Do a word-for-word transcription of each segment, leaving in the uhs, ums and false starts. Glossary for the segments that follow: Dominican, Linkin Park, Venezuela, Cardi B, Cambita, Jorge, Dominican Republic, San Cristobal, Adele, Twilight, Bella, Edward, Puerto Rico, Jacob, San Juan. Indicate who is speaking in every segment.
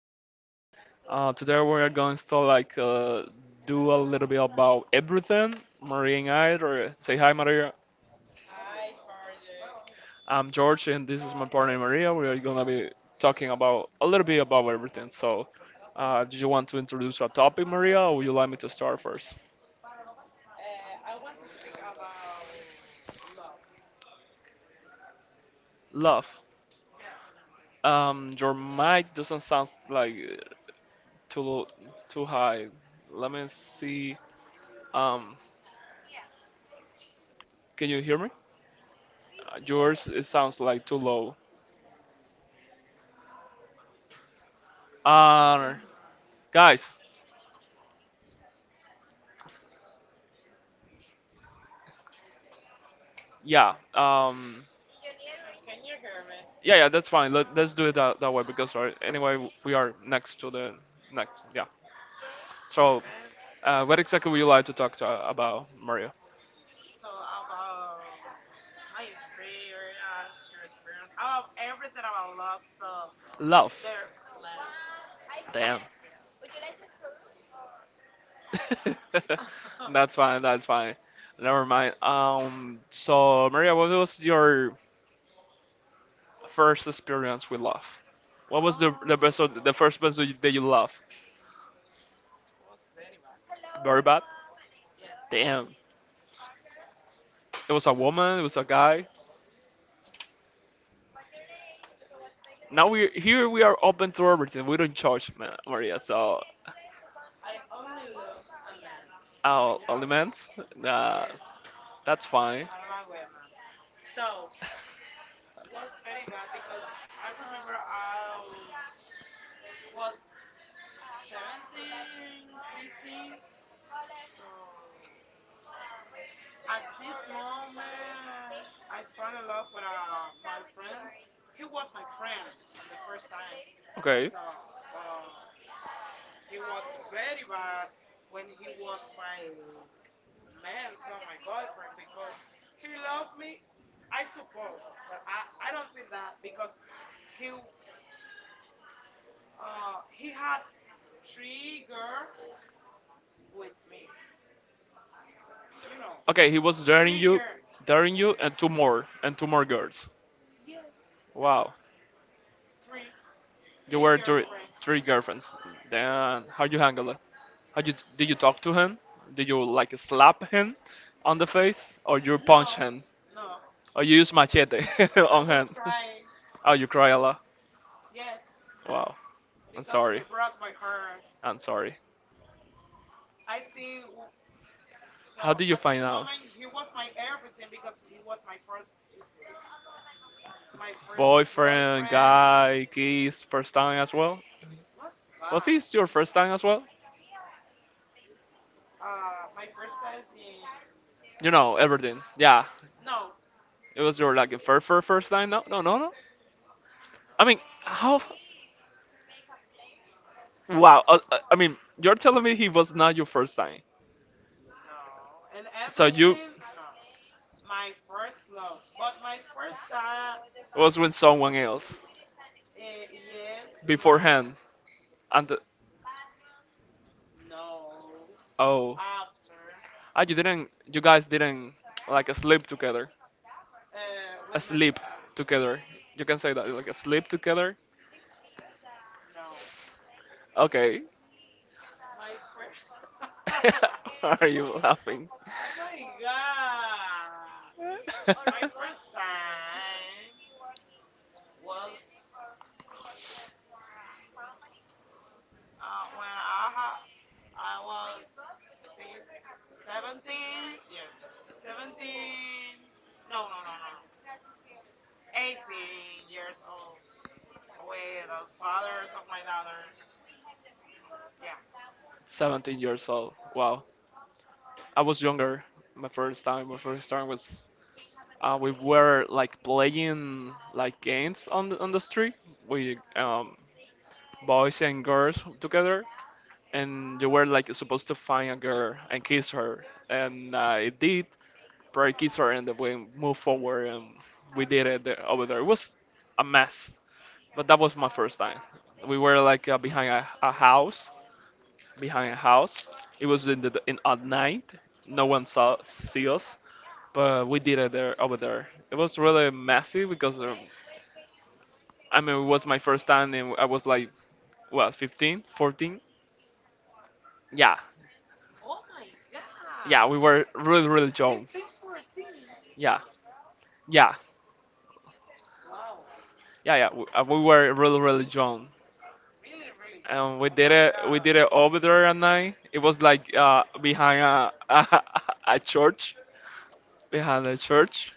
Speaker 1: How are you doing? Uh, today we are going to like uh, do a little bit about everything. Maria and I, or uh, say hi Maria.
Speaker 2: Hi, Jorge.
Speaker 1: I'm George and this is my partner Maria. We are gonna be talking about a little bit about everything. So, uh, do you want to introduce a topic Maria or would you like me to start first?
Speaker 2: Uh, I want to speak about love.
Speaker 1: Love.
Speaker 2: Yes.
Speaker 1: Um, your mic doesn't sound like uh, too low, too high. Let me see. Um, can you hear me? Uh, yours it sounds like too low. Uh, guys, yeah, um,
Speaker 2: And can you hear me?
Speaker 1: yeah, yeah, that's fine. Let, let's do it that, that way because uh, anyway we are next to the next. Yeah. So,
Speaker 2: Okay.
Speaker 1: uh, what exactly would you like to talk to, uh, about, Maria?
Speaker 2: So about my experience, your experience, about everything about love. So
Speaker 1: Love.
Speaker 2: they're left
Speaker 1: Damn.
Speaker 2: about that.
Speaker 1: That's fine. That's fine. Never mind. Um. So, Maria, what was your first experience with love? What was the the best
Speaker 2: oh,
Speaker 1: the first person that you love?
Speaker 2: was very bad.
Speaker 1: Very bad.
Speaker 2: Yes.
Speaker 1: Damn. It was a woman. It was a guy. Now we here we are open to everything. We don't judge, Ma- Maria. So
Speaker 2: I only love a man.
Speaker 1: our
Speaker 2: You know.
Speaker 1: elements, uh,
Speaker 2: Yes.
Speaker 1: that's fine.
Speaker 2: I don't like women. So was very bad because I remember I was seventeen, sixteen. So at this moment, I fell in love with uh, my friend. He was my friend on the first time.
Speaker 1: Okay.
Speaker 2: So, but he was very bad when he was my man, so my boyfriend, because he loved me, I suppose, but I, I don't think that because he uh he had three girl with me, you know.
Speaker 1: Okay, he was daring you,
Speaker 2: Trigger.
Speaker 1: daring you, and two more, and two more girls.
Speaker 2: Yes,
Speaker 1: Wow,
Speaker 2: three.
Speaker 1: you were
Speaker 2: Trigger,
Speaker 1: three,
Speaker 2: Frank.
Speaker 1: three girlfriends. Then how you handle it? How you did you talk to him? Did you like slap him on the face, or you punch
Speaker 2: No,
Speaker 1: him,
Speaker 2: no.
Speaker 1: or you use machete
Speaker 2: I
Speaker 1: on
Speaker 2: was
Speaker 1: him?
Speaker 2: crying.
Speaker 1: Oh, you cry a lot.
Speaker 2: Yes,
Speaker 1: Wow. I'm
Speaker 2: because he
Speaker 1: sorry.
Speaker 2: broke my heart.
Speaker 1: I'm sorry.
Speaker 2: I think w-
Speaker 1: How
Speaker 2: so.
Speaker 1: did you
Speaker 2: At this
Speaker 1: find out?
Speaker 2: moment, he was my everything because he was my first, my
Speaker 1: Boyfriend,
Speaker 2: first
Speaker 1: boyfriend.
Speaker 2: boyfriend.
Speaker 1: Guy, kiss, first time as well?
Speaker 2: Was
Speaker 1: Was, Was
Speaker 2: bad.
Speaker 1: this your first time as well?
Speaker 2: Uh, my first time in.
Speaker 1: You know, everything. Yeah.
Speaker 2: No,
Speaker 1: It was your like first first first time? No, no, no, no.
Speaker 2: no,
Speaker 1: I mean, how. Wow. uh, uh, I mean, you're telling me he was not your first time.
Speaker 2: no, and
Speaker 1: So you.
Speaker 2: everything. No, my first love, but my first time.
Speaker 1: No. Was with someone else. Eh,
Speaker 2: Uh,
Speaker 1: it
Speaker 2: yes,
Speaker 1: was.
Speaker 2: my
Speaker 1: Beforehand and.
Speaker 2: No.
Speaker 1: Oh,
Speaker 2: After.
Speaker 1: ah, you didn't, you guys didn't like sleep together.
Speaker 2: Uh,
Speaker 1: Uh,
Speaker 2: with my. f-
Speaker 1: Sleep
Speaker 2: Uh,
Speaker 1: together. You can say that, like sleep together.
Speaker 2: no.
Speaker 1: Okay.
Speaker 2: My first. oh
Speaker 1: Why are you laughing?
Speaker 2: my god. My first time was uh, when I ha- I was see, seventeen. Yes. seventeen. No, no, no, no, no. eighteen years old with the fathers of my daughter. Yeah.
Speaker 1: seventeen years old. Wow. I was younger. My first time, my first time was uh, we were like playing like games on the on the street. We um boys and girls together and you were like supposed to find a girl and kiss her, and I did. Probably kiss her, and then we moved forward, and we did it the- over there. It was a mess, but that was my first time. We were like uh, behind a, a house, behind a house. It was in the in at night. No one saw see us, but we did it there over there. It was really messy because um, I mean it was my first time, and I was like what fifteen, fourteen. Yeah,
Speaker 2: Oh my god.
Speaker 1: yeah, we were really really young.
Speaker 2: Fifteen, fourteen.
Speaker 1: Yeah, yeah.
Speaker 2: Wow,
Speaker 1: Yeah, yeah. We, uh, we were really, really young,
Speaker 2: really, really, John.
Speaker 1: and we
Speaker 2: Oh
Speaker 1: did
Speaker 2: my
Speaker 1: it. We
Speaker 2: God,
Speaker 1: did it over there at night. It was like uh, behind a, a a church, behind a church.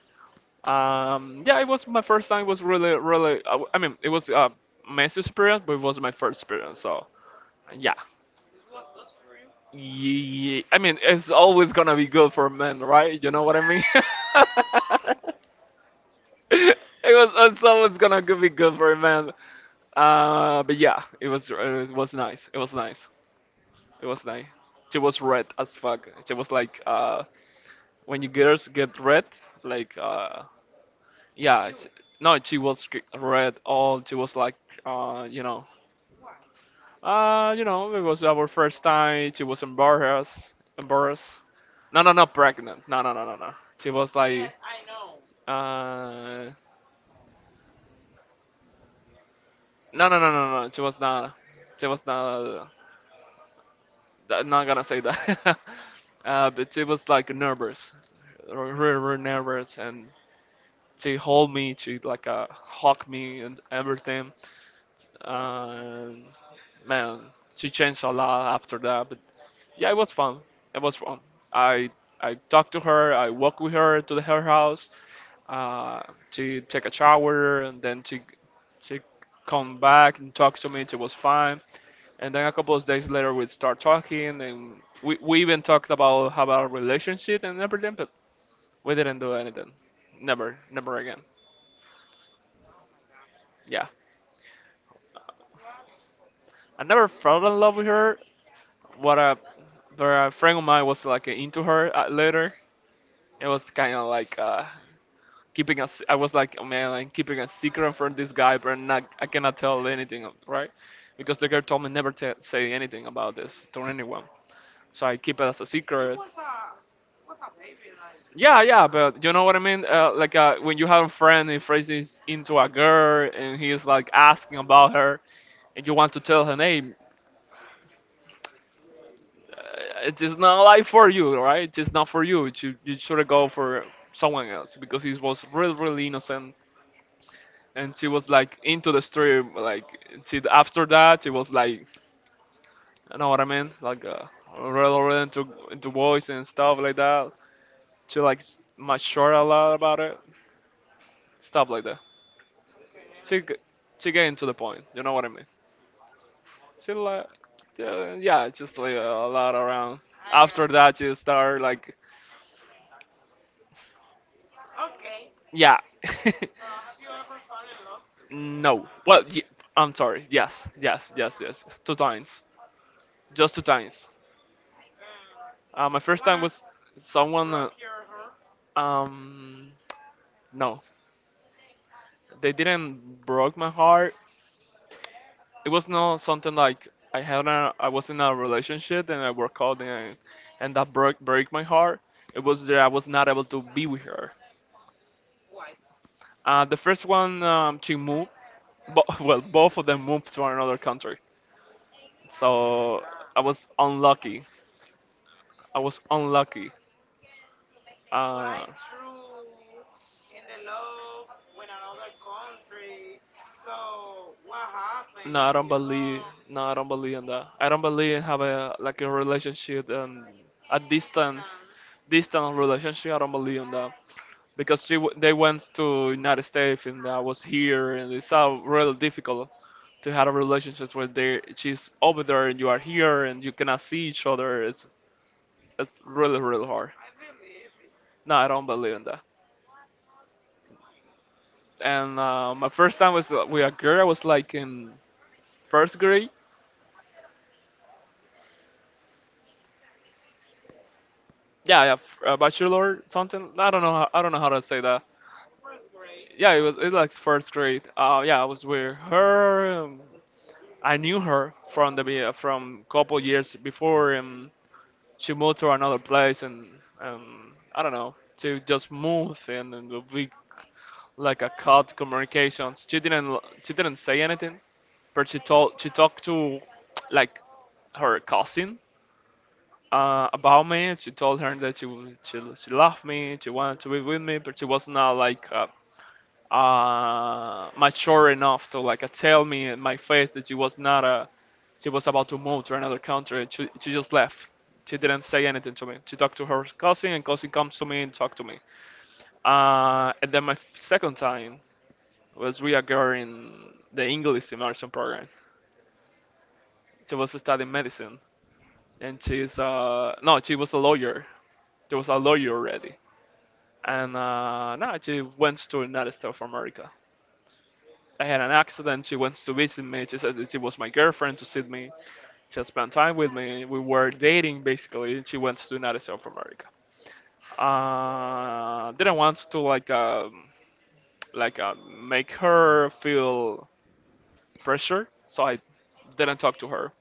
Speaker 1: Um, yeah, it was my first time. It was really, really. I, w- I mean, it was a messy experience, but it was my first experience. So yeah.
Speaker 2: this was good for you.
Speaker 1: Ye- I mean, it's always gonna be good for men, right? You know what I mean? it was it's always gonna go- be good for a man. Uh, but yeah, it was it was nice. It was nice. It was nice. She was red as fuck. She was like, uh, when you girls get red, like, uh, yeah, she,
Speaker 2: You,
Speaker 1: no, she was g- red all. She was like, uh, you know,
Speaker 2: why?
Speaker 1: uh, you know, it was our first time. She was embarrassed, embarrassed. No, no, not pregnant. No, no, no, no, no. She was like,
Speaker 2: Yes, I know.
Speaker 1: uh, no, no, no, no, no. She was not. She was not. Not gonna say that. uh, but she was like nervous, r- really, really nervous, and to hold me, to like uh, hug me and everything. And man, she changed a lot after that. But yeah, it was fun. It was fun. I I talked to her. I walked with her to the her house uh, to take a shower and then to to come back and talk to me. It was fine. And then a couple of days later, we'd start talking, and we, we even talked about how our relationship and everything, but we didn't do anything. Never, never again.
Speaker 2: Oh my God,
Speaker 1: Yeah.
Speaker 2: was
Speaker 1: I
Speaker 2: was
Speaker 1: never
Speaker 2: good.
Speaker 1: fell in love with her. What a, but a friend of mine was like into her uh, later. It was kind of like uh, keeping a s I was like, oh, man, like keeping a secret from this guy, but not, I cannot tell anything, right? Because the girl told me never to say anything about this to anyone. So I keep it as a
Speaker 2: It
Speaker 1: secret.
Speaker 2: was a it was a baby. Like
Speaker 1: Yeah, yeah, but you know what I mean? Uh, like uh, when you have a friend and Fraser into a girl and he is like asking about her and you want to tell her name, it's not like for you, right? It's not for you. You you should go for someone else because he was really really innocent, and she was like into the stream. Like she after that, she was like, I know what I mean, like uh, really really into into boys and stuff like that. She like matured a lot about it, stuff like that.
Speaker 2: okay, okay, I
Speaker 1: She
Speaker 2: understand.
Speaker 1: g- she getting to the point. You know what I mean? She
Speaker 2: Yeah,
Speaker 1: like yeah, yeah, just like uh,
Speaker 2: yeah,
Speaker 1: a lot around.
Speaker 2: I got.
Speaker 1: After that, you start like
Speaker 2: Okay,
Speaker 1: yeah.
Speaker 2: so have you ever fallen in love?
Speaker 1: No. Well, y I'm sorry. Yes, yes, yes, yes. Two times. Just two times.
Speaker 2: Uh,
Speaker 1: Uh, my first
Speaker 2: someone
Speaker 1: time
Speaker 2: else
Speaker 1: was someone.
Speaker 2: broke
Speaker 1: Uh,
Speaker 2: your heart.
Speaker 1: um, no, they didn't broke my heart. It was not something like I had a, I was in a relationship and I worked out and and that broke break my heart. It was that I was not able to be with her.
Speaker 2: Why?
Speaker 1: Uh, the first one, um, she moved. Bo- well, both of them moved to another country.
Speaker 2: Oh my
Speaker 1: So
Speaker 2: God.
Speaker 1: I was unlucky. I was unlucky.
Speaker 2: But I
Speaker 1: Uh,
Speaker 2: true in the love when another country. So what
Speaker 1: no,
Speaker 2: happened?
Speaker 1: I don't
Speaker 2: You
Speaker 1: believe.
Speaker 2: know,
Speaker 1: No, I don't believe in that. I don't believe in have a like a relationship and a
Speaker 2: distance.
Speaker 1: distance, distant relationship. I don't believe in that because she w- they went to United States and I was here and it's all really difficult to have a relationship where they she's over there and you are here and you cannot see each other. It's it's really really hard.
Speaker 2: I believe it.
Speaker 1: No, I don't believe in that.
Speaker 2: Oh my God.
Speaker 1: And uh, my first time was uh, with a girl. I was like in first grade. Yeah, yeah, f- uh, bachelor something. I don't know. How, I don't know how to say that.
Speaker 2: First grade,
Speaker 1: Yeah, it
Speaker 2: like
Speaker 1: was it like first grade. Uh, yeah, I was with her. um, I knew her from the be- from couple years before. Um, she moved to another place, and um, I don't know to just move and, and we like a cut communications. She didn't she didn't say anything, but she told she talked to like her cousin uh, about me. She told her that she w- she she loved me, she wanted to be with me, but she was not like uh, uh, mature enough to like uh, tell me in my face that she was not uh, she was about to move to another country. She she just left. She didn't say anything to me. She talked to her cousin, and cousin comes to me and talked to me. Uh, and then my f- second time was reoccurring the English immersion program. She was studying medicine, and she's uh no, she was a lawyer. There was a lawyer already and uh, no, she went to another state of America. I had an accident. She went to visit me. She said that she was my girlfriend to see me. She spent time with me. We were dating basically. She went to another state of America. Uh, didn't want to like uh, like uh, make her feel pressure, so I didn't talk to her.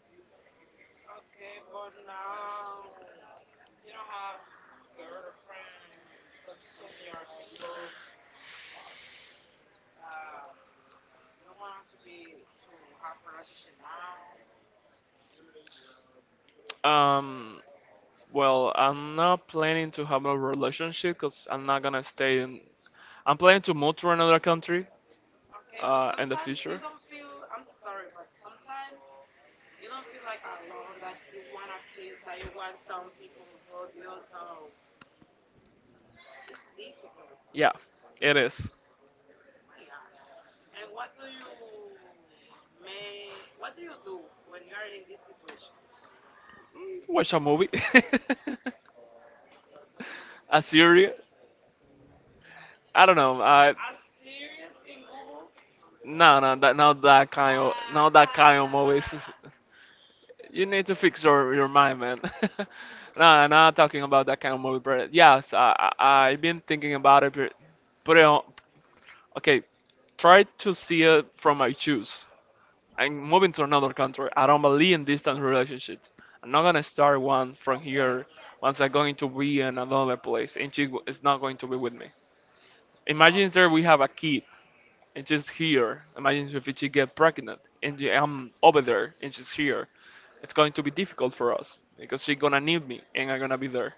Speaker 2: okay, but now you don't have girlfriend because you told me you're single. That you don't want to be to have relationship now.
Speaker 1: Um, well, I'm not planning to have a relationship because I'm not gonna stay in. I'm planning to move to another country
Speaker 2: Okay, but
Speaker 1: uh, in the
Speaker 2: sometimes you
Speaker 1: future.
Speaker 2: don't feel. I'm so sorry, but sometimes You don't feel like alone that you want a kiss, that you want some people hold you. So it's difficult.
Speaker 1: Yeah, it is.
Speaker 2: Oh my God. And what do you may what do you do when you are in this situation?
Speaker 1: Mm, watch a movie,
Speaker 2: What
Speaker 1: a
Speaker 2: am I?
Speaker 1: series. I don't know. I
Speaker 2: As serious in Google?
Speaker 1: no no that not that kind of
Speaker 2: Ah,
Speaker 1: not that kind of
Speaker 2: ah, Mm.
Speaker 1: movies.
Speaker 2: ah.
Speaker 1: You need to fix your your mind, man.
Speaker 2: Mm.
Speaker 1: No, I'm not talking about that kind of movie, but yes, I, I I've been thinking about it. But put it on. Okay, try to see it from my shoes. I'm moving to another country. I don't believe in distant relationships. I'm not gonna start one from
Speaker 2: Okay,
Speaker 1: here once I'm going to be in another place and she is not going to be with me. Imagine there we
Speaker 2: okay,
Speaker 1: have a kid and she's here. Imagine if she get pregnant and I'm over there and she's here. It's going to be difficult for us because she's gonna need me and I'm gonna be there.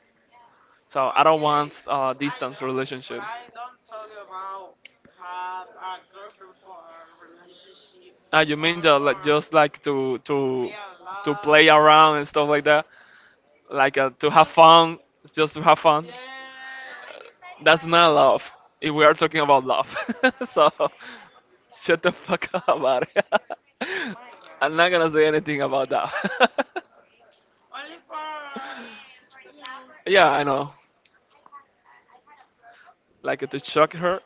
Speaker 1: So I don't
Speaker 2: okay.
Speaker 1: want a
Speaker 2: I
Speaker 1: distance
Speaker 2: know, but
Speaker 1: relationship.
Speaker 2: I don't tell you about have a girlfriend for relationship
Speaker 1: Ah, you
Speaker 2: or
Speaker 1: mean that like
Speaker 2: for
Speaker 1: just like to to
Speaker 2: Real
Speaker 1: to
Speaker 2: love.
Speaker 1: play around and stuff like that? Like uh, to have
Speaker 2: Just,
Speaker 1: fun, just to have fun.
Speaker 2: yes.
Speaker 1: That's not love. If we are talking about love, so shut the fuck up about it.
Speaker 2: Oh my
Speaker 1: I'm
Speaker 2: God.
Speaker 1: not gonna say anything about that.
Speaker 2: Only for, you know.
Speaker 1: Yeah, I know. Like to shock her.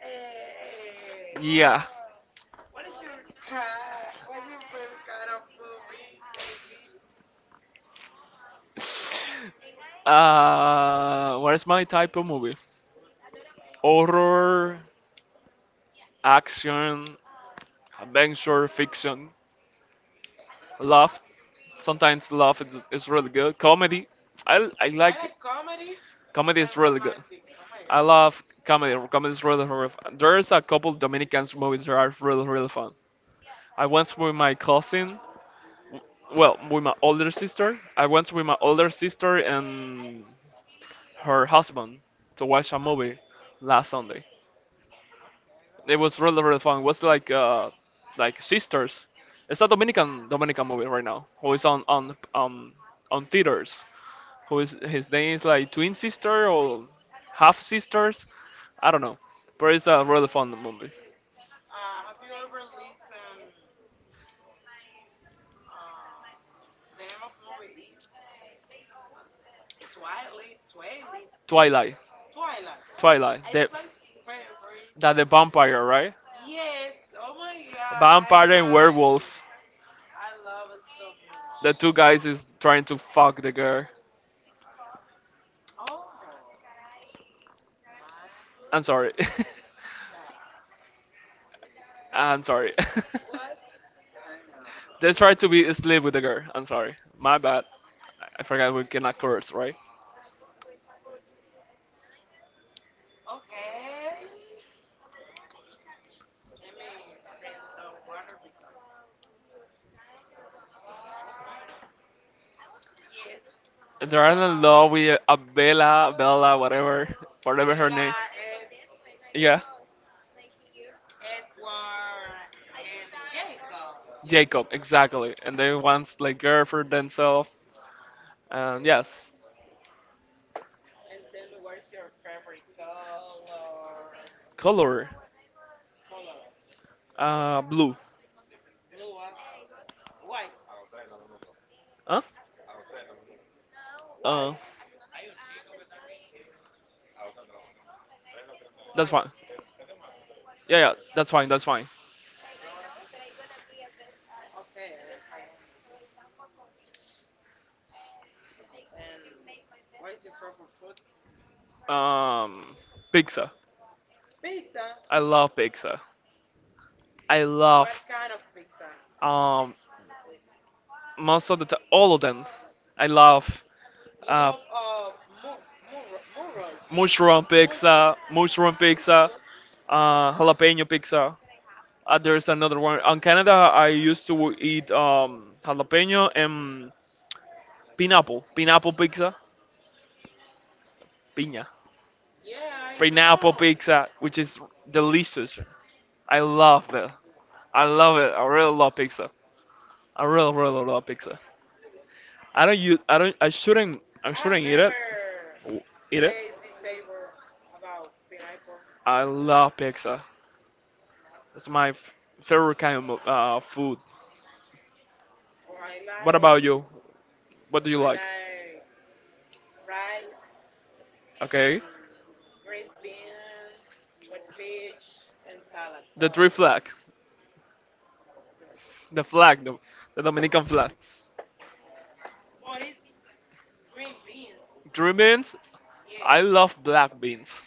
Speaker 2: Eh, eh,
Speaker 1: Yeah.
Speaker 2: what is your cat? What's your favorite kind of movie? Tell me.
Speaker 1: Uh, what is my type of movie? Horror, action, adventure, fiction, love. Sometimes laugh is, is really good. Comedy, I, I
Speaker 2: I
Speaker 1: like
Speaker 2: like comedy
Speaker 1: comedy
Speaker 2: and
Speaker 1: is really good.
Speaker 2: romantic. Oh my
Speaker 1: I
Speaker 2: God.
Speaker 1: love comedy. Comedy is really really fun. There's a couple Dominican movies that are really really fun. I went with my cousin, well, with my older sister. I went with my older sister and her husband to watch a movie last Sunday.
Speaker 2: Okay, that's
Speaker 1: It
Speaker 2: good.
Speaker 1: was really really fun. It was like uh, like sisters. It's a Dominican Dominican movie right now. Who is on on um on theaters. Who is, his name is like Twin Sister or Half Sisters. I don't know,
Speaker 2: I
Speaker 1: but it's
Speaker 2: don't
Speaker 1: a
Speaker 2: know.
Speaker 1: really fun movie.
Speaker 2: Uh, have you ever listened? Uh, the name of movie is uh, Twilight. Twilight.
Speaker 1: Twilight.
Speaker 2: Twilight.
Speaker 1: Twilight.
Speaker 2: It's
Speaker 1: The,
Speaker 2: my favorite
Speaker 1: that the
Speaker 2: movie.
Speaker 1: vampire, right?
Speaker 2: Yes. Oh my God. I
Speaker 1: Vampire and
Speaker 2: love
Speaker 1: werewolf.
Speaker 2: it. I love it so much.
Speaker 1: The two guys is trying to fuck the girl.
Speaker 2: Oh my
Speaker 1: I'm sorry.
Speaker 2: God.
Speaker 1: I'm sorry.
Speaker 2: What's going on
Speaker 1: They try
Speaker 2: with
Speaker 1: to be
Speaker 2: you?
Speaker 1: asleep with the girl. I'm sorry. My bad. I I forgot we cannot curse, right?
Speaker 2: Okay. Let me drink some water because, oh my God. Yes.
Speaker 1: They're
Speaker 2: It's
Speaker 1: in
Speaker 2: about
Speaker 1: love with Abella, Bella, Bella, whatever, whatever her name.
Speaker 2: Bella, Ed,
Speaker 1: Yeah,
Speaker 2: Edward, and Jacob. Yeah.
Speaker 1: Jacob, exactly. And they want like girl for themselves. And yes,
Speaker 2: And tell me what's your favorite color?
Speaker 1: color,
Speaker 2: Color.
Speaker 1: uh, blue.
Speaker 2: Blue, huh? White.
Speaker 1: Huh?
Speaker 2: Why?
Speaker 1: Uh, that's
Speaker 2: Why?
Speaker 1: fine. Yeah, yeah, that's fine. That's fine.
Speaker 2: Okay, I, I understand. And what is your favorite food?
Speaker 1: Um, Pizza.
Speaker 2: Pizza.
Speaker 1: I love pizza. I love
Speaker 2: What kind of pizza?
Speaker 1: um most of the t- all of them. I love
Speaker 2: You
Speaker 1: uh,
Speaker 2: love uh mur mur murros mur
Speaker 1: mushroom
Speaker 2: mushroom.
Speaker 1: pizza, mushroom
Speaker 2: It's
Speaker 1: pizza,
Speaker 2: good.
Speaker 1: uh, jalapeno pizza. Uh, there's another one. In Canada, I used to eat um, jalapeno and pineapple, pineapple pizza, piña,
Speaker 2: Yeah, I
Speaker 1: pineapple
Speaker 2: know.
Speaker 1: pizza, which is delicious. I love it. I love it. I really love pizza. I really, really love pizza. I don't use. I don't. I shouldn't. I
Speaker 2: I have
Speaker 1: shouldn't eat it.
Speaker 2: never
Speaker 1: W- Eat it.
Speaker 2: tasted this savor about pineapple.
Speaker 1: I love pizza.
Speaker 2: I don't know.
Speaker 1: That's my f- favorite kind of uh, food.
Speaker 2: Or I
Speaker 1: What about
Speaker 2: like
Speaker 1: you? What do you
Speaker 2: I
Speaker 1: like?
Speaker 2: like rice and
Speaker 1: Okay.
Speaker 2: green beans with fish and salad. So
Speaker 1: The three flag.
Speaker 2: yeah,
Speaker 1: The flag, the, the Dominican flag.
Speaker 2: but it Green beans,
Speaker 1: Three beans. I
Speaker 2: yes.
Speaker 1: love black beans.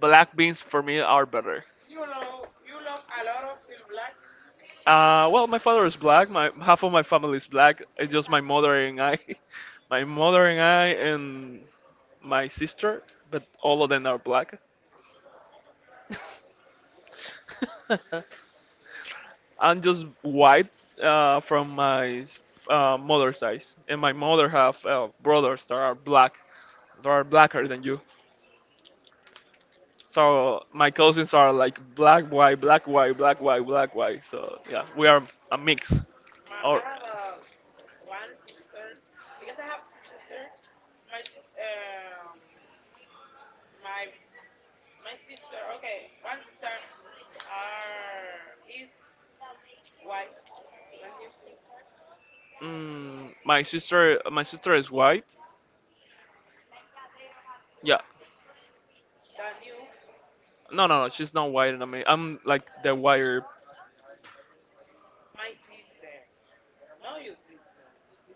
Speaker 1: Black beans for me are better.
Speaker 2: You love you love a lot of in black.
Speaker 1: Uh, well, my father is black. My half of my family is black. It's just my mother and I, my mother and I, and my sister. But all of them are black.
Speaker 2: Wow.
Speaker 1: I'm just white uh, from my uh, mother's side, and my mother have uh, brothers that are black, that are blacker than you. So my cousins are like black, white, black, white, black, white, black, white. So yeah, we are a mix.
Speaker 2: My I
Speaker 1: Or,
Speaker 2: have a one sister because I have two sisters. My sister, um, my my sister. Okay, one sister are is white than you
Speaker 1: mm, my sister, my sister is white. Yeah,
Speaker 2: than you.
Speaker 1: no, no, no, she's not white. And I mean, I'm like the whiter.
Speaker 2: My sister, no, your sister.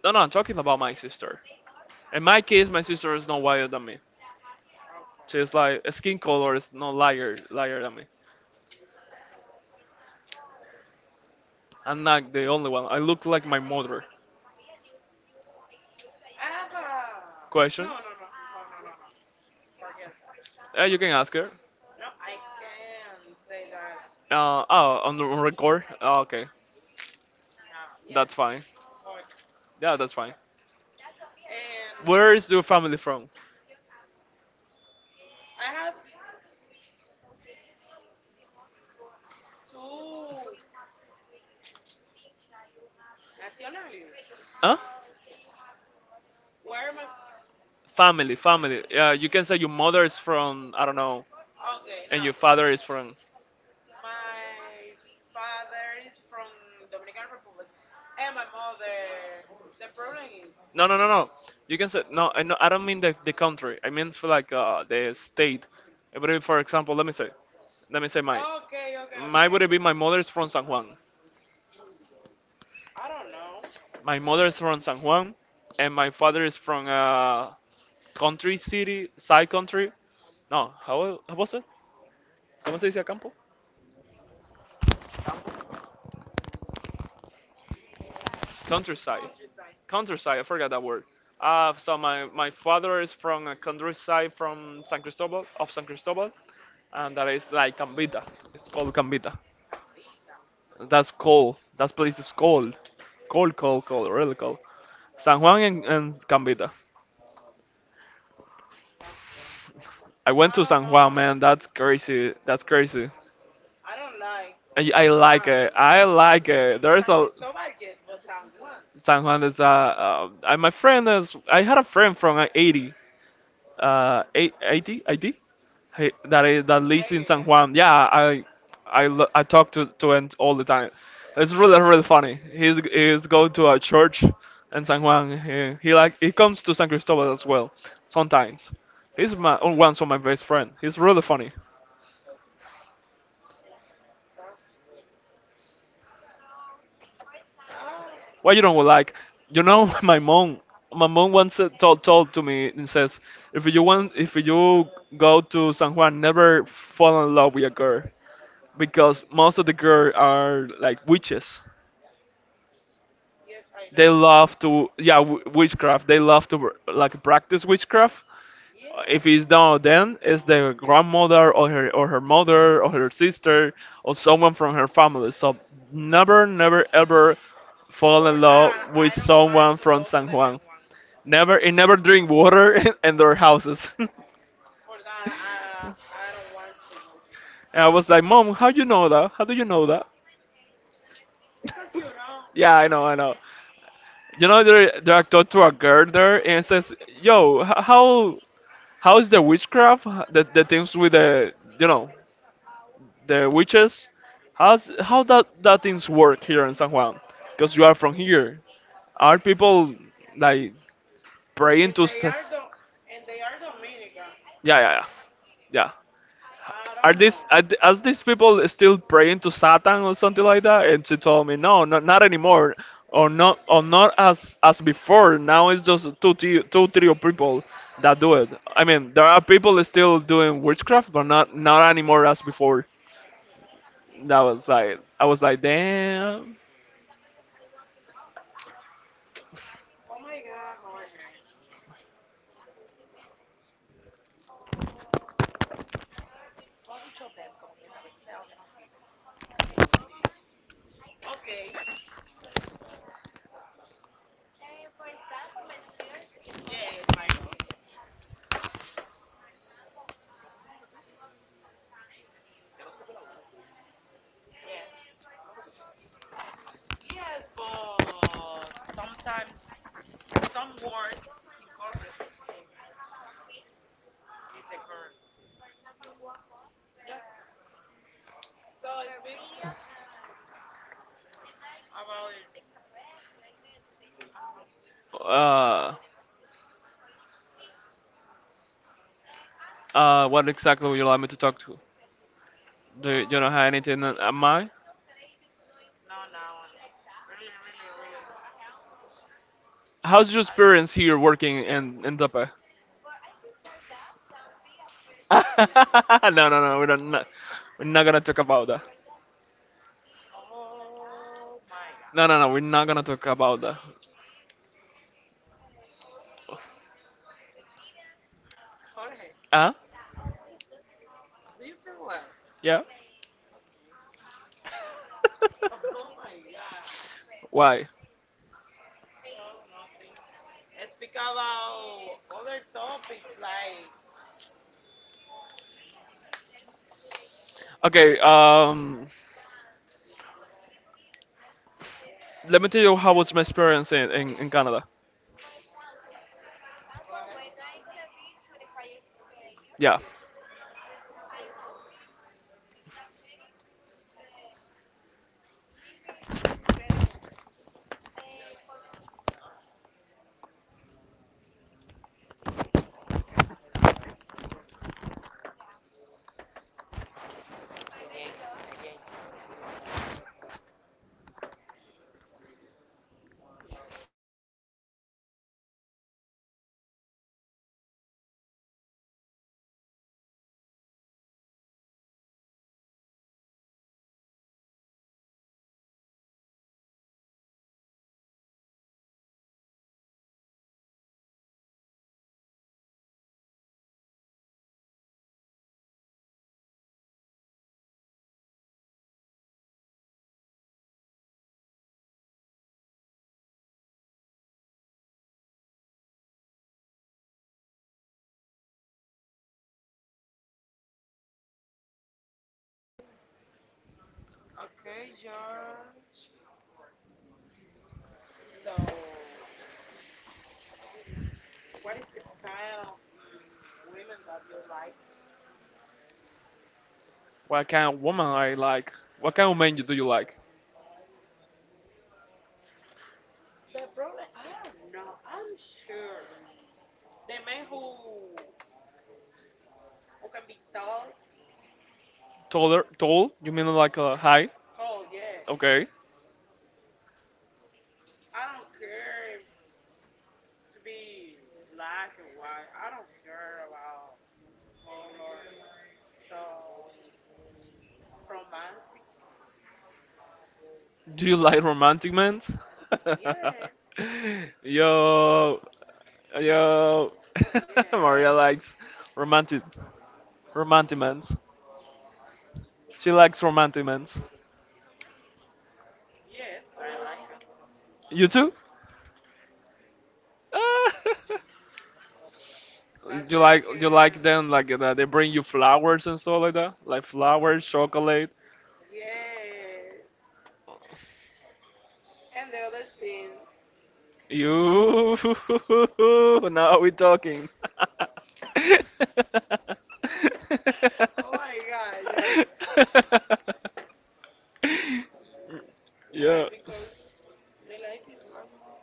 Speaker 1: No, no, I'm talking about my sister. In my case, my sister is not whiter than me. She's
Speaker 2: Okay.
Speaker 1: like skin color is not lighter, lighter than me. I'm not the only one. I look like my mother.
Speaker 2: I have a
Speaker 1: Question?
Speaker 2: no no no no no no no. Forget that
Speaker 1: No. Uh, you can
Speaker 2: because
Speaker 1: ask her.
Speaker 2: no, I can't say that
Speaker 1: Uh, oh, on the on record? Oh, okay. No,
Speaker 2: Now, yeah,
Speaker 1: that's fine.
Speaker 2: burger.
Speaker 1: Yeah, that's fine.
Speaker 2: Yes. And
Speaker 1: Where is your family from?
Speaker 2: I have two nationalities.
Speaker 1: Huh?
Speaker 2: Where am I? f-
Speaker 1: Family, family. Yeah, you can say your mother is from, I don't know,
Speaker 2: Okay,
Speaker 1: and your
Speaker 2: now
Speaker 1: father is from.
Speaker 2: my father is from Dominican Republic, and my mother. The problem is,
Speaker 1: No, no, no, no. You can say no. I no, I don't mean the, the country. I mean for like uh, the state. It would be, for example, let me say, let me say my,
Speaker 2: okay, okay,
Speaker 1: my
Speaker 2: okay,
Speaker 1: would be,
Speaker 2: okay.
Speaker 1: my mother is from San Juan.
Speaker 2: I don't know.
Speaker 1: My mother is from San Juan, and my father is from uh, country city, side country. No, how, how was it? ¿Cómo se dice campo? Countryside.
Speaker 2: Countryside,
Speaker 1: Countryside. I forgot that word. Uh, so my, my father is from a countryside from San Cristobal, of San Cristobal, and that is like Cambita. It's called Cambita.
Speaker 2: Cambita.
Speaker 1: That's cold. That place is cold. Cold, cold, cold, really cold. San Juan and, and Cambita.
Speaker 2: That's good.
Speaker 1: I went
Speaker 2: I
Speaker 1: to
Speaker 2: don't
Speaker 1: San Juan,
Speaker 2: know.
Speaker 1: man. That's crazy. That's crazy.
Speaker 2: I don't like
Speaker 1: I,
Speaker 2: San
Speaker 1: I like
Speaker 2: Juan.
Speaker 1: it. I like it. There's
Speaker 2: San
Speaker 1: a
Speaker 2: Cristobal, yes, but San Juan.
Speaker 1: San Juan is uh, uh I, my friend is, I had a friend from uh, eighty uh eight- 80 80 hey, that is that lives
Speaker 2: Hate
Speaker 1: in
Speaker 2: it.
Speaker 1: San
Speaker 2: Yeah.
Speaker 1: Juan. Yeah, I I lo- I talk to to him all the time. It's really really funny. He's he's go to a church in San Juan. He, he like he comes to San Cristobal as well sometimes. He's my one of my best friend. He's really funny.
Speaker 2: That's good.
Speaker 1: Why you don't like? You know, my mom. My mom once uh, told told to me and says, if you want, if you go to San Juan, never fall in love with a girl because most of the girls are like witches.
Speaker 2: Yes, I
Speaker 1: They
Speaker 2: know.
Speaker 1: love to, yeah, w- witchcraft. They love to like practice witchcraft.
Speaker 2: Yeah.
Speaker 1: If it's done, then it's their grandmother or her or her mother or her sister or someone from her family. So never, never, ever fall
Speaker 2: For
Speaker 1: in love
Speaker 2: that,
Speaker 1: with
Speaker 2: I don't want
Speaker 1: someone
Speaker 2: to
Speaker 1: from
Speaker 2: go to
Speaker 1: San
Speaker 2: the San
Speaker 1: Juan.
Speaker 2: Juan.
Speaker 1: Never, and never drink water in their houses.
Speaker 2: For that, I I don't want to go to San
Speaker 1: And I
Speaker 2: Juan
Speaker 1: was like, Mom, how you know that? How do you know that?
Speaker 2: because you know,
Speaker 1: Yeah, I know, I know. You know, they they talked to a girl there and says, yo, h- how How is the witchcraft, that the things with the, you know, the witches? How's how that that things work here in San Juan? Because you are from here. Are people like praying
Speaker 2: and
Speaker 1: to?
Speaker 2: they
Speaker 1: Sa-
Speaker 2: are do and they are Dominican.
Speaker 1: yeah, yeah, yeah, yeah.
Speaker 2: I
Speaker 1: Are
Speaker 2: don't
Speaker 1: these
Speaker 2: know.
Speaker 1: are, th- are these people still praying to Satan or something like that? And she told me, no, not not anymore, or not or not as as before. Now it's just two thi- two three of people that do it. I mean, there are people still doing witchcraft, but not not anymore as before.
Speaker 2: Hmm.
Speaker 1: That was like, I was like, damn.
Speaker 2: Oh my God, Jorge. Okay. Yes, my love. Yes. Yes, but sometimes some words is incorrect in this occurrence. Yeah. So I speak about it. I don't know.
Speaker 1: Uh, uh, what exactly would you like me to talk to? Do you, you don't have anything in in mind?
Speaker 2: No, now really, really, really I,
Speaker 1: How's your
Speaker 2: oh my
Speaker 1: experience here working in in Dope? No, no, no. We don't. No, we're not gonna talk about that.
Speaker 2: God.
Speaker 1: No, no, no. We're not gonna talk about that.
Speaker 2: Jorge,
Speaker 1: Huh?
Speaker 2: do you feel well?
Speaker 1: Yeah.
Speaker 2: Okay. Oh my God.
Speaker 1: Why?
Speaker 2: No, nothing. I speak about other topics like,
Speaker 1: Okay. Um. Let me tell you how was my experience in, in, in Canada.
Speaker 2: go ahead. Si tú
Speaker 1: Yeah.
Speaker 2: quieres. Okay. Again. Again. So, what is the kind of mm, women that you like?
Speaker 1: What kind of woman I like? What kind of men you do you like?
Speaker 2: The problem, I don't know. I'm sure the men who who can be tall.
Speaker 1: Taller, tall? You mean like uh, high?
Speaker 2: Told, yeah.
Speaker 1: Okay.
Speaker 2: I don't care if to be black or white. I don't care about color. So romantic.
Speaker 1: Do you like romantic men?
Speaker 2: Yeah,
Speaker 1: Yo, yo.
Speaker 2: yeah,
Speaker 1: Maria likes romantic, romantic men. She likes romantic men.
Speaker 2: yes. I like that so much.
Speaker 1: You too? Ah.
Speaker 2: That
Speaker 1: You
Speaker 2: man
Speaker 1: like, you
Speaker 2: can.
Speaker 1: like them like that they bring you flowers and stuff like that, like flowers, chocolate.
Speaker 2: Yes. And the other thing.
Speaker 1: You now we're talking.
Speaker 2: Oh
Speaker 1: Oh
Speaker 2: my God. Yeah.
Speaker 1: yeah.
Speaker 2: Why?
Speaker 1: Yeah.
Speaker 2: Because the life is one. You know.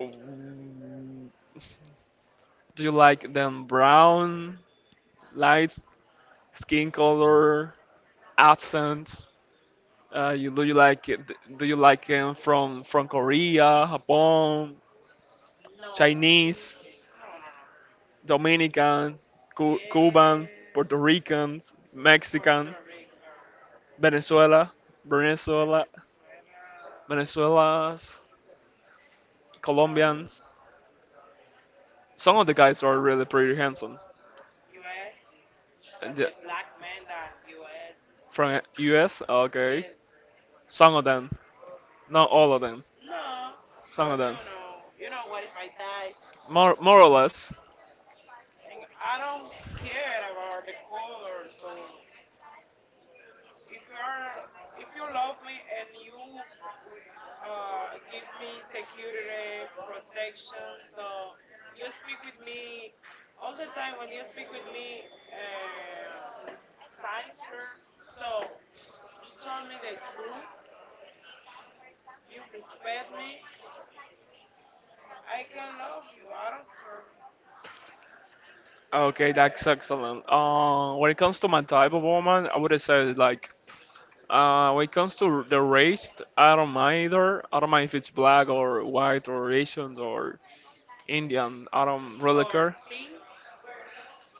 Speaker 1: Mm, do you like them brown, light skin color, accents? Uh, you do you like it, do you like them from from Korea, Japan,
Speaker 2: No.
Speaker 1: Chinese?
Speaker 2: No. No. No.
Speaker 1: Dominican, Cu- Cuban,
Speaker 2: Yes.
Speaker 1: Puerto Ricans, Mexican,
Speaker 2: Puerto Rico,
Speaker 1: Venezuela, Venezuela,
Speaker 2: Venezuela.
Speaker 1: Venezuelans,
Speaker 2: No,
Speaker 1: Colombians. Some of
Speaker 2: no.
Speaker 1: the guys are really pretty handsome.
Speaker 2: U S.
Speaker 1: And
Speaker 2: That
Speaker 1: the-
Speaker 2: the black man that U S.
Speaker 1: from U S. Okay,
Speaker 2: Yes.
Speaker 1: some of them, not all of them.
Speaker 2: No,
Speaker 1: Some
Speaker 2: but
Speaker 1: of
Speaker 2: you
Speaker 1: them,
Speaker 2: know, you know what is my type,
Speaker 1: more more or less.
Speaker 2: and I don't care about the color. So if you are, if you love me and you uh, give me security, protection. So you speak with me all the time when you speak with me, um, sincere. So you told me the truth. You respect me. I can love you. I don't care.
Speaker 1: Okay, that's excellent. Uh, when it comes to my type of woman, I would say like, uh, when it comes to the race, I don't mind either. I don't mind if it's black or white or Asian or Indian. I don't really
Speaker 2: Or
Speaker 1: care.
Speaker 2: thing.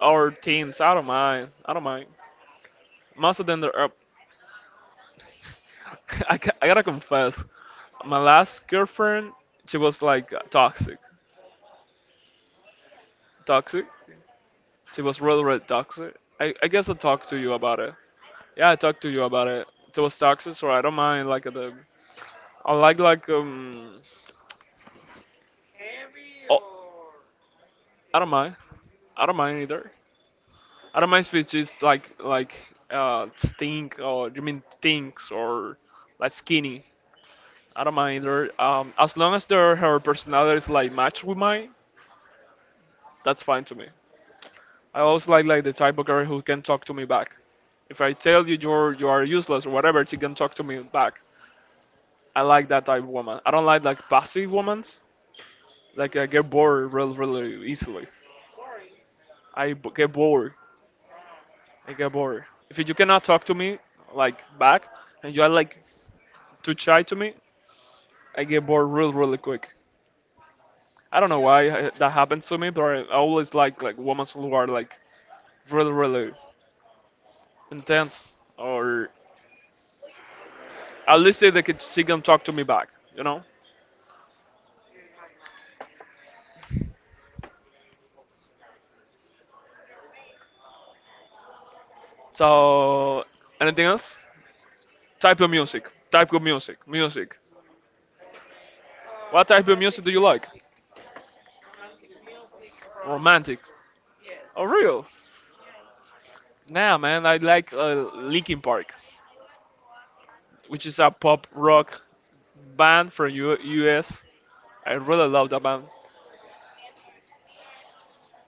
Speaker 1: Or teens. I don't mind. I don't mind.
Speaker 2: Ah, okay,
Speaker 1: Most of them are up. I, ca- I gotta confess, my last girlfriend, she was like toxic.
Speaker 2: okay.
Speaker 1: Toxic? She was really, really toxic. I, I guess I talked to you about it. Yeah, I talked to you about it. She was toxic, so I don't mind like the. I like like um.
Speaker 2: Heavy or
Speaker 1: I don't
Speaker 2: thing?
Speaker 1: mind. I don't mind either. I don't mind
Speaker 2: Okay,
Speaker 1: if
Speaker 2: okay,
Speaker 1: it's just like like uh stink or you mean things or like skinny. I don't mind either. Um, as long as their, her personality is like matched with mine, that's fine to me. I always like like the type of girl who can talk to me back. If I tell you you're you are useless or whatever, she can talk to me back. I like that type of woman. I don't like like passive women. Like I get bored real really easily.
Speaker 2: boring.
Speaker 1: I b- get bored,
Speaker 2: Ah,
Speaker 1: I get bored. If you cannot talk to me like back and you are like too shy to me, I get bored real really quick. I don't know
Speaker 2: you don't
Speaker 1: why
Speaker 2: know.
Speaker 1: uh, that happens to me, but I always like like women who are like really really intense or at least they can, she can talk to me back, you know.
Speaker 2: Yes, I know. Um,
Speaker 1: So anything else? Type of
Speaker 2: no.
Speaker 1: music. Type of music. Music.
Speaker 2: Uh,
Speaker 1: What type of
Speaker 2: romantic
Speaker 1: music do you like?
Speaker 2: music. Romantic music from
Speaker 1: Romantic.
Speaker 2: yes,
Speaker 1: Oh, real?
Speaker 2: yes.
Speaker 1: Nah, man, I like uh, Linkin Park,
Speaker 2: Okay,
Speaker 1: which is a pop rock band from U- US. I really love that band.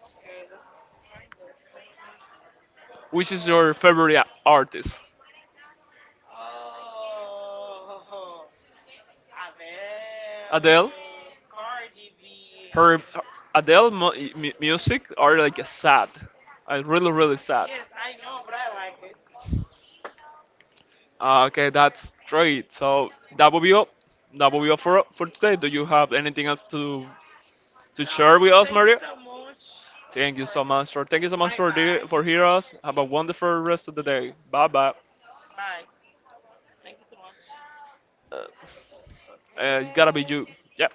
Speaker 2: okay. That's fine. Good. That sounds good.
Speaker 1: Which is
Speaker 2: So,
Speaker 1: your favorite a- artist?
Speaker 2: oh, Adele,
Speaker 1: Adele?
Speaker 2: Cardi B.
Speaker 1: Her Adele mu- mu- music are like sad. I really really sad.
Speaker 2: Yes, I know, but I like it.
Speaker 1: Ah, okay, that's great. So that will be all. That will be all for for today. Do you have anything else to to share with
Speaker 2: No,
Speaker 1: us,
Speaker 2: thank you
Speaker 1: Maria?
Speaker 2: so much
Speaker 1: Thank you
Speaker 2: for.
Speaker 1: so much, sir. Thank you so much
Speaker 2: Bye,
Speaker 1: for the,
Speaker 2: bye,
Speaker 1: for hearing us. Have a wonderful rest of the day. Bye bye.
Speaker 2: bye. Thank you so much.
Speaker 1: Uh, it's gotta be you.
Speaker 2: Okay.
Speaker 1: Yeah.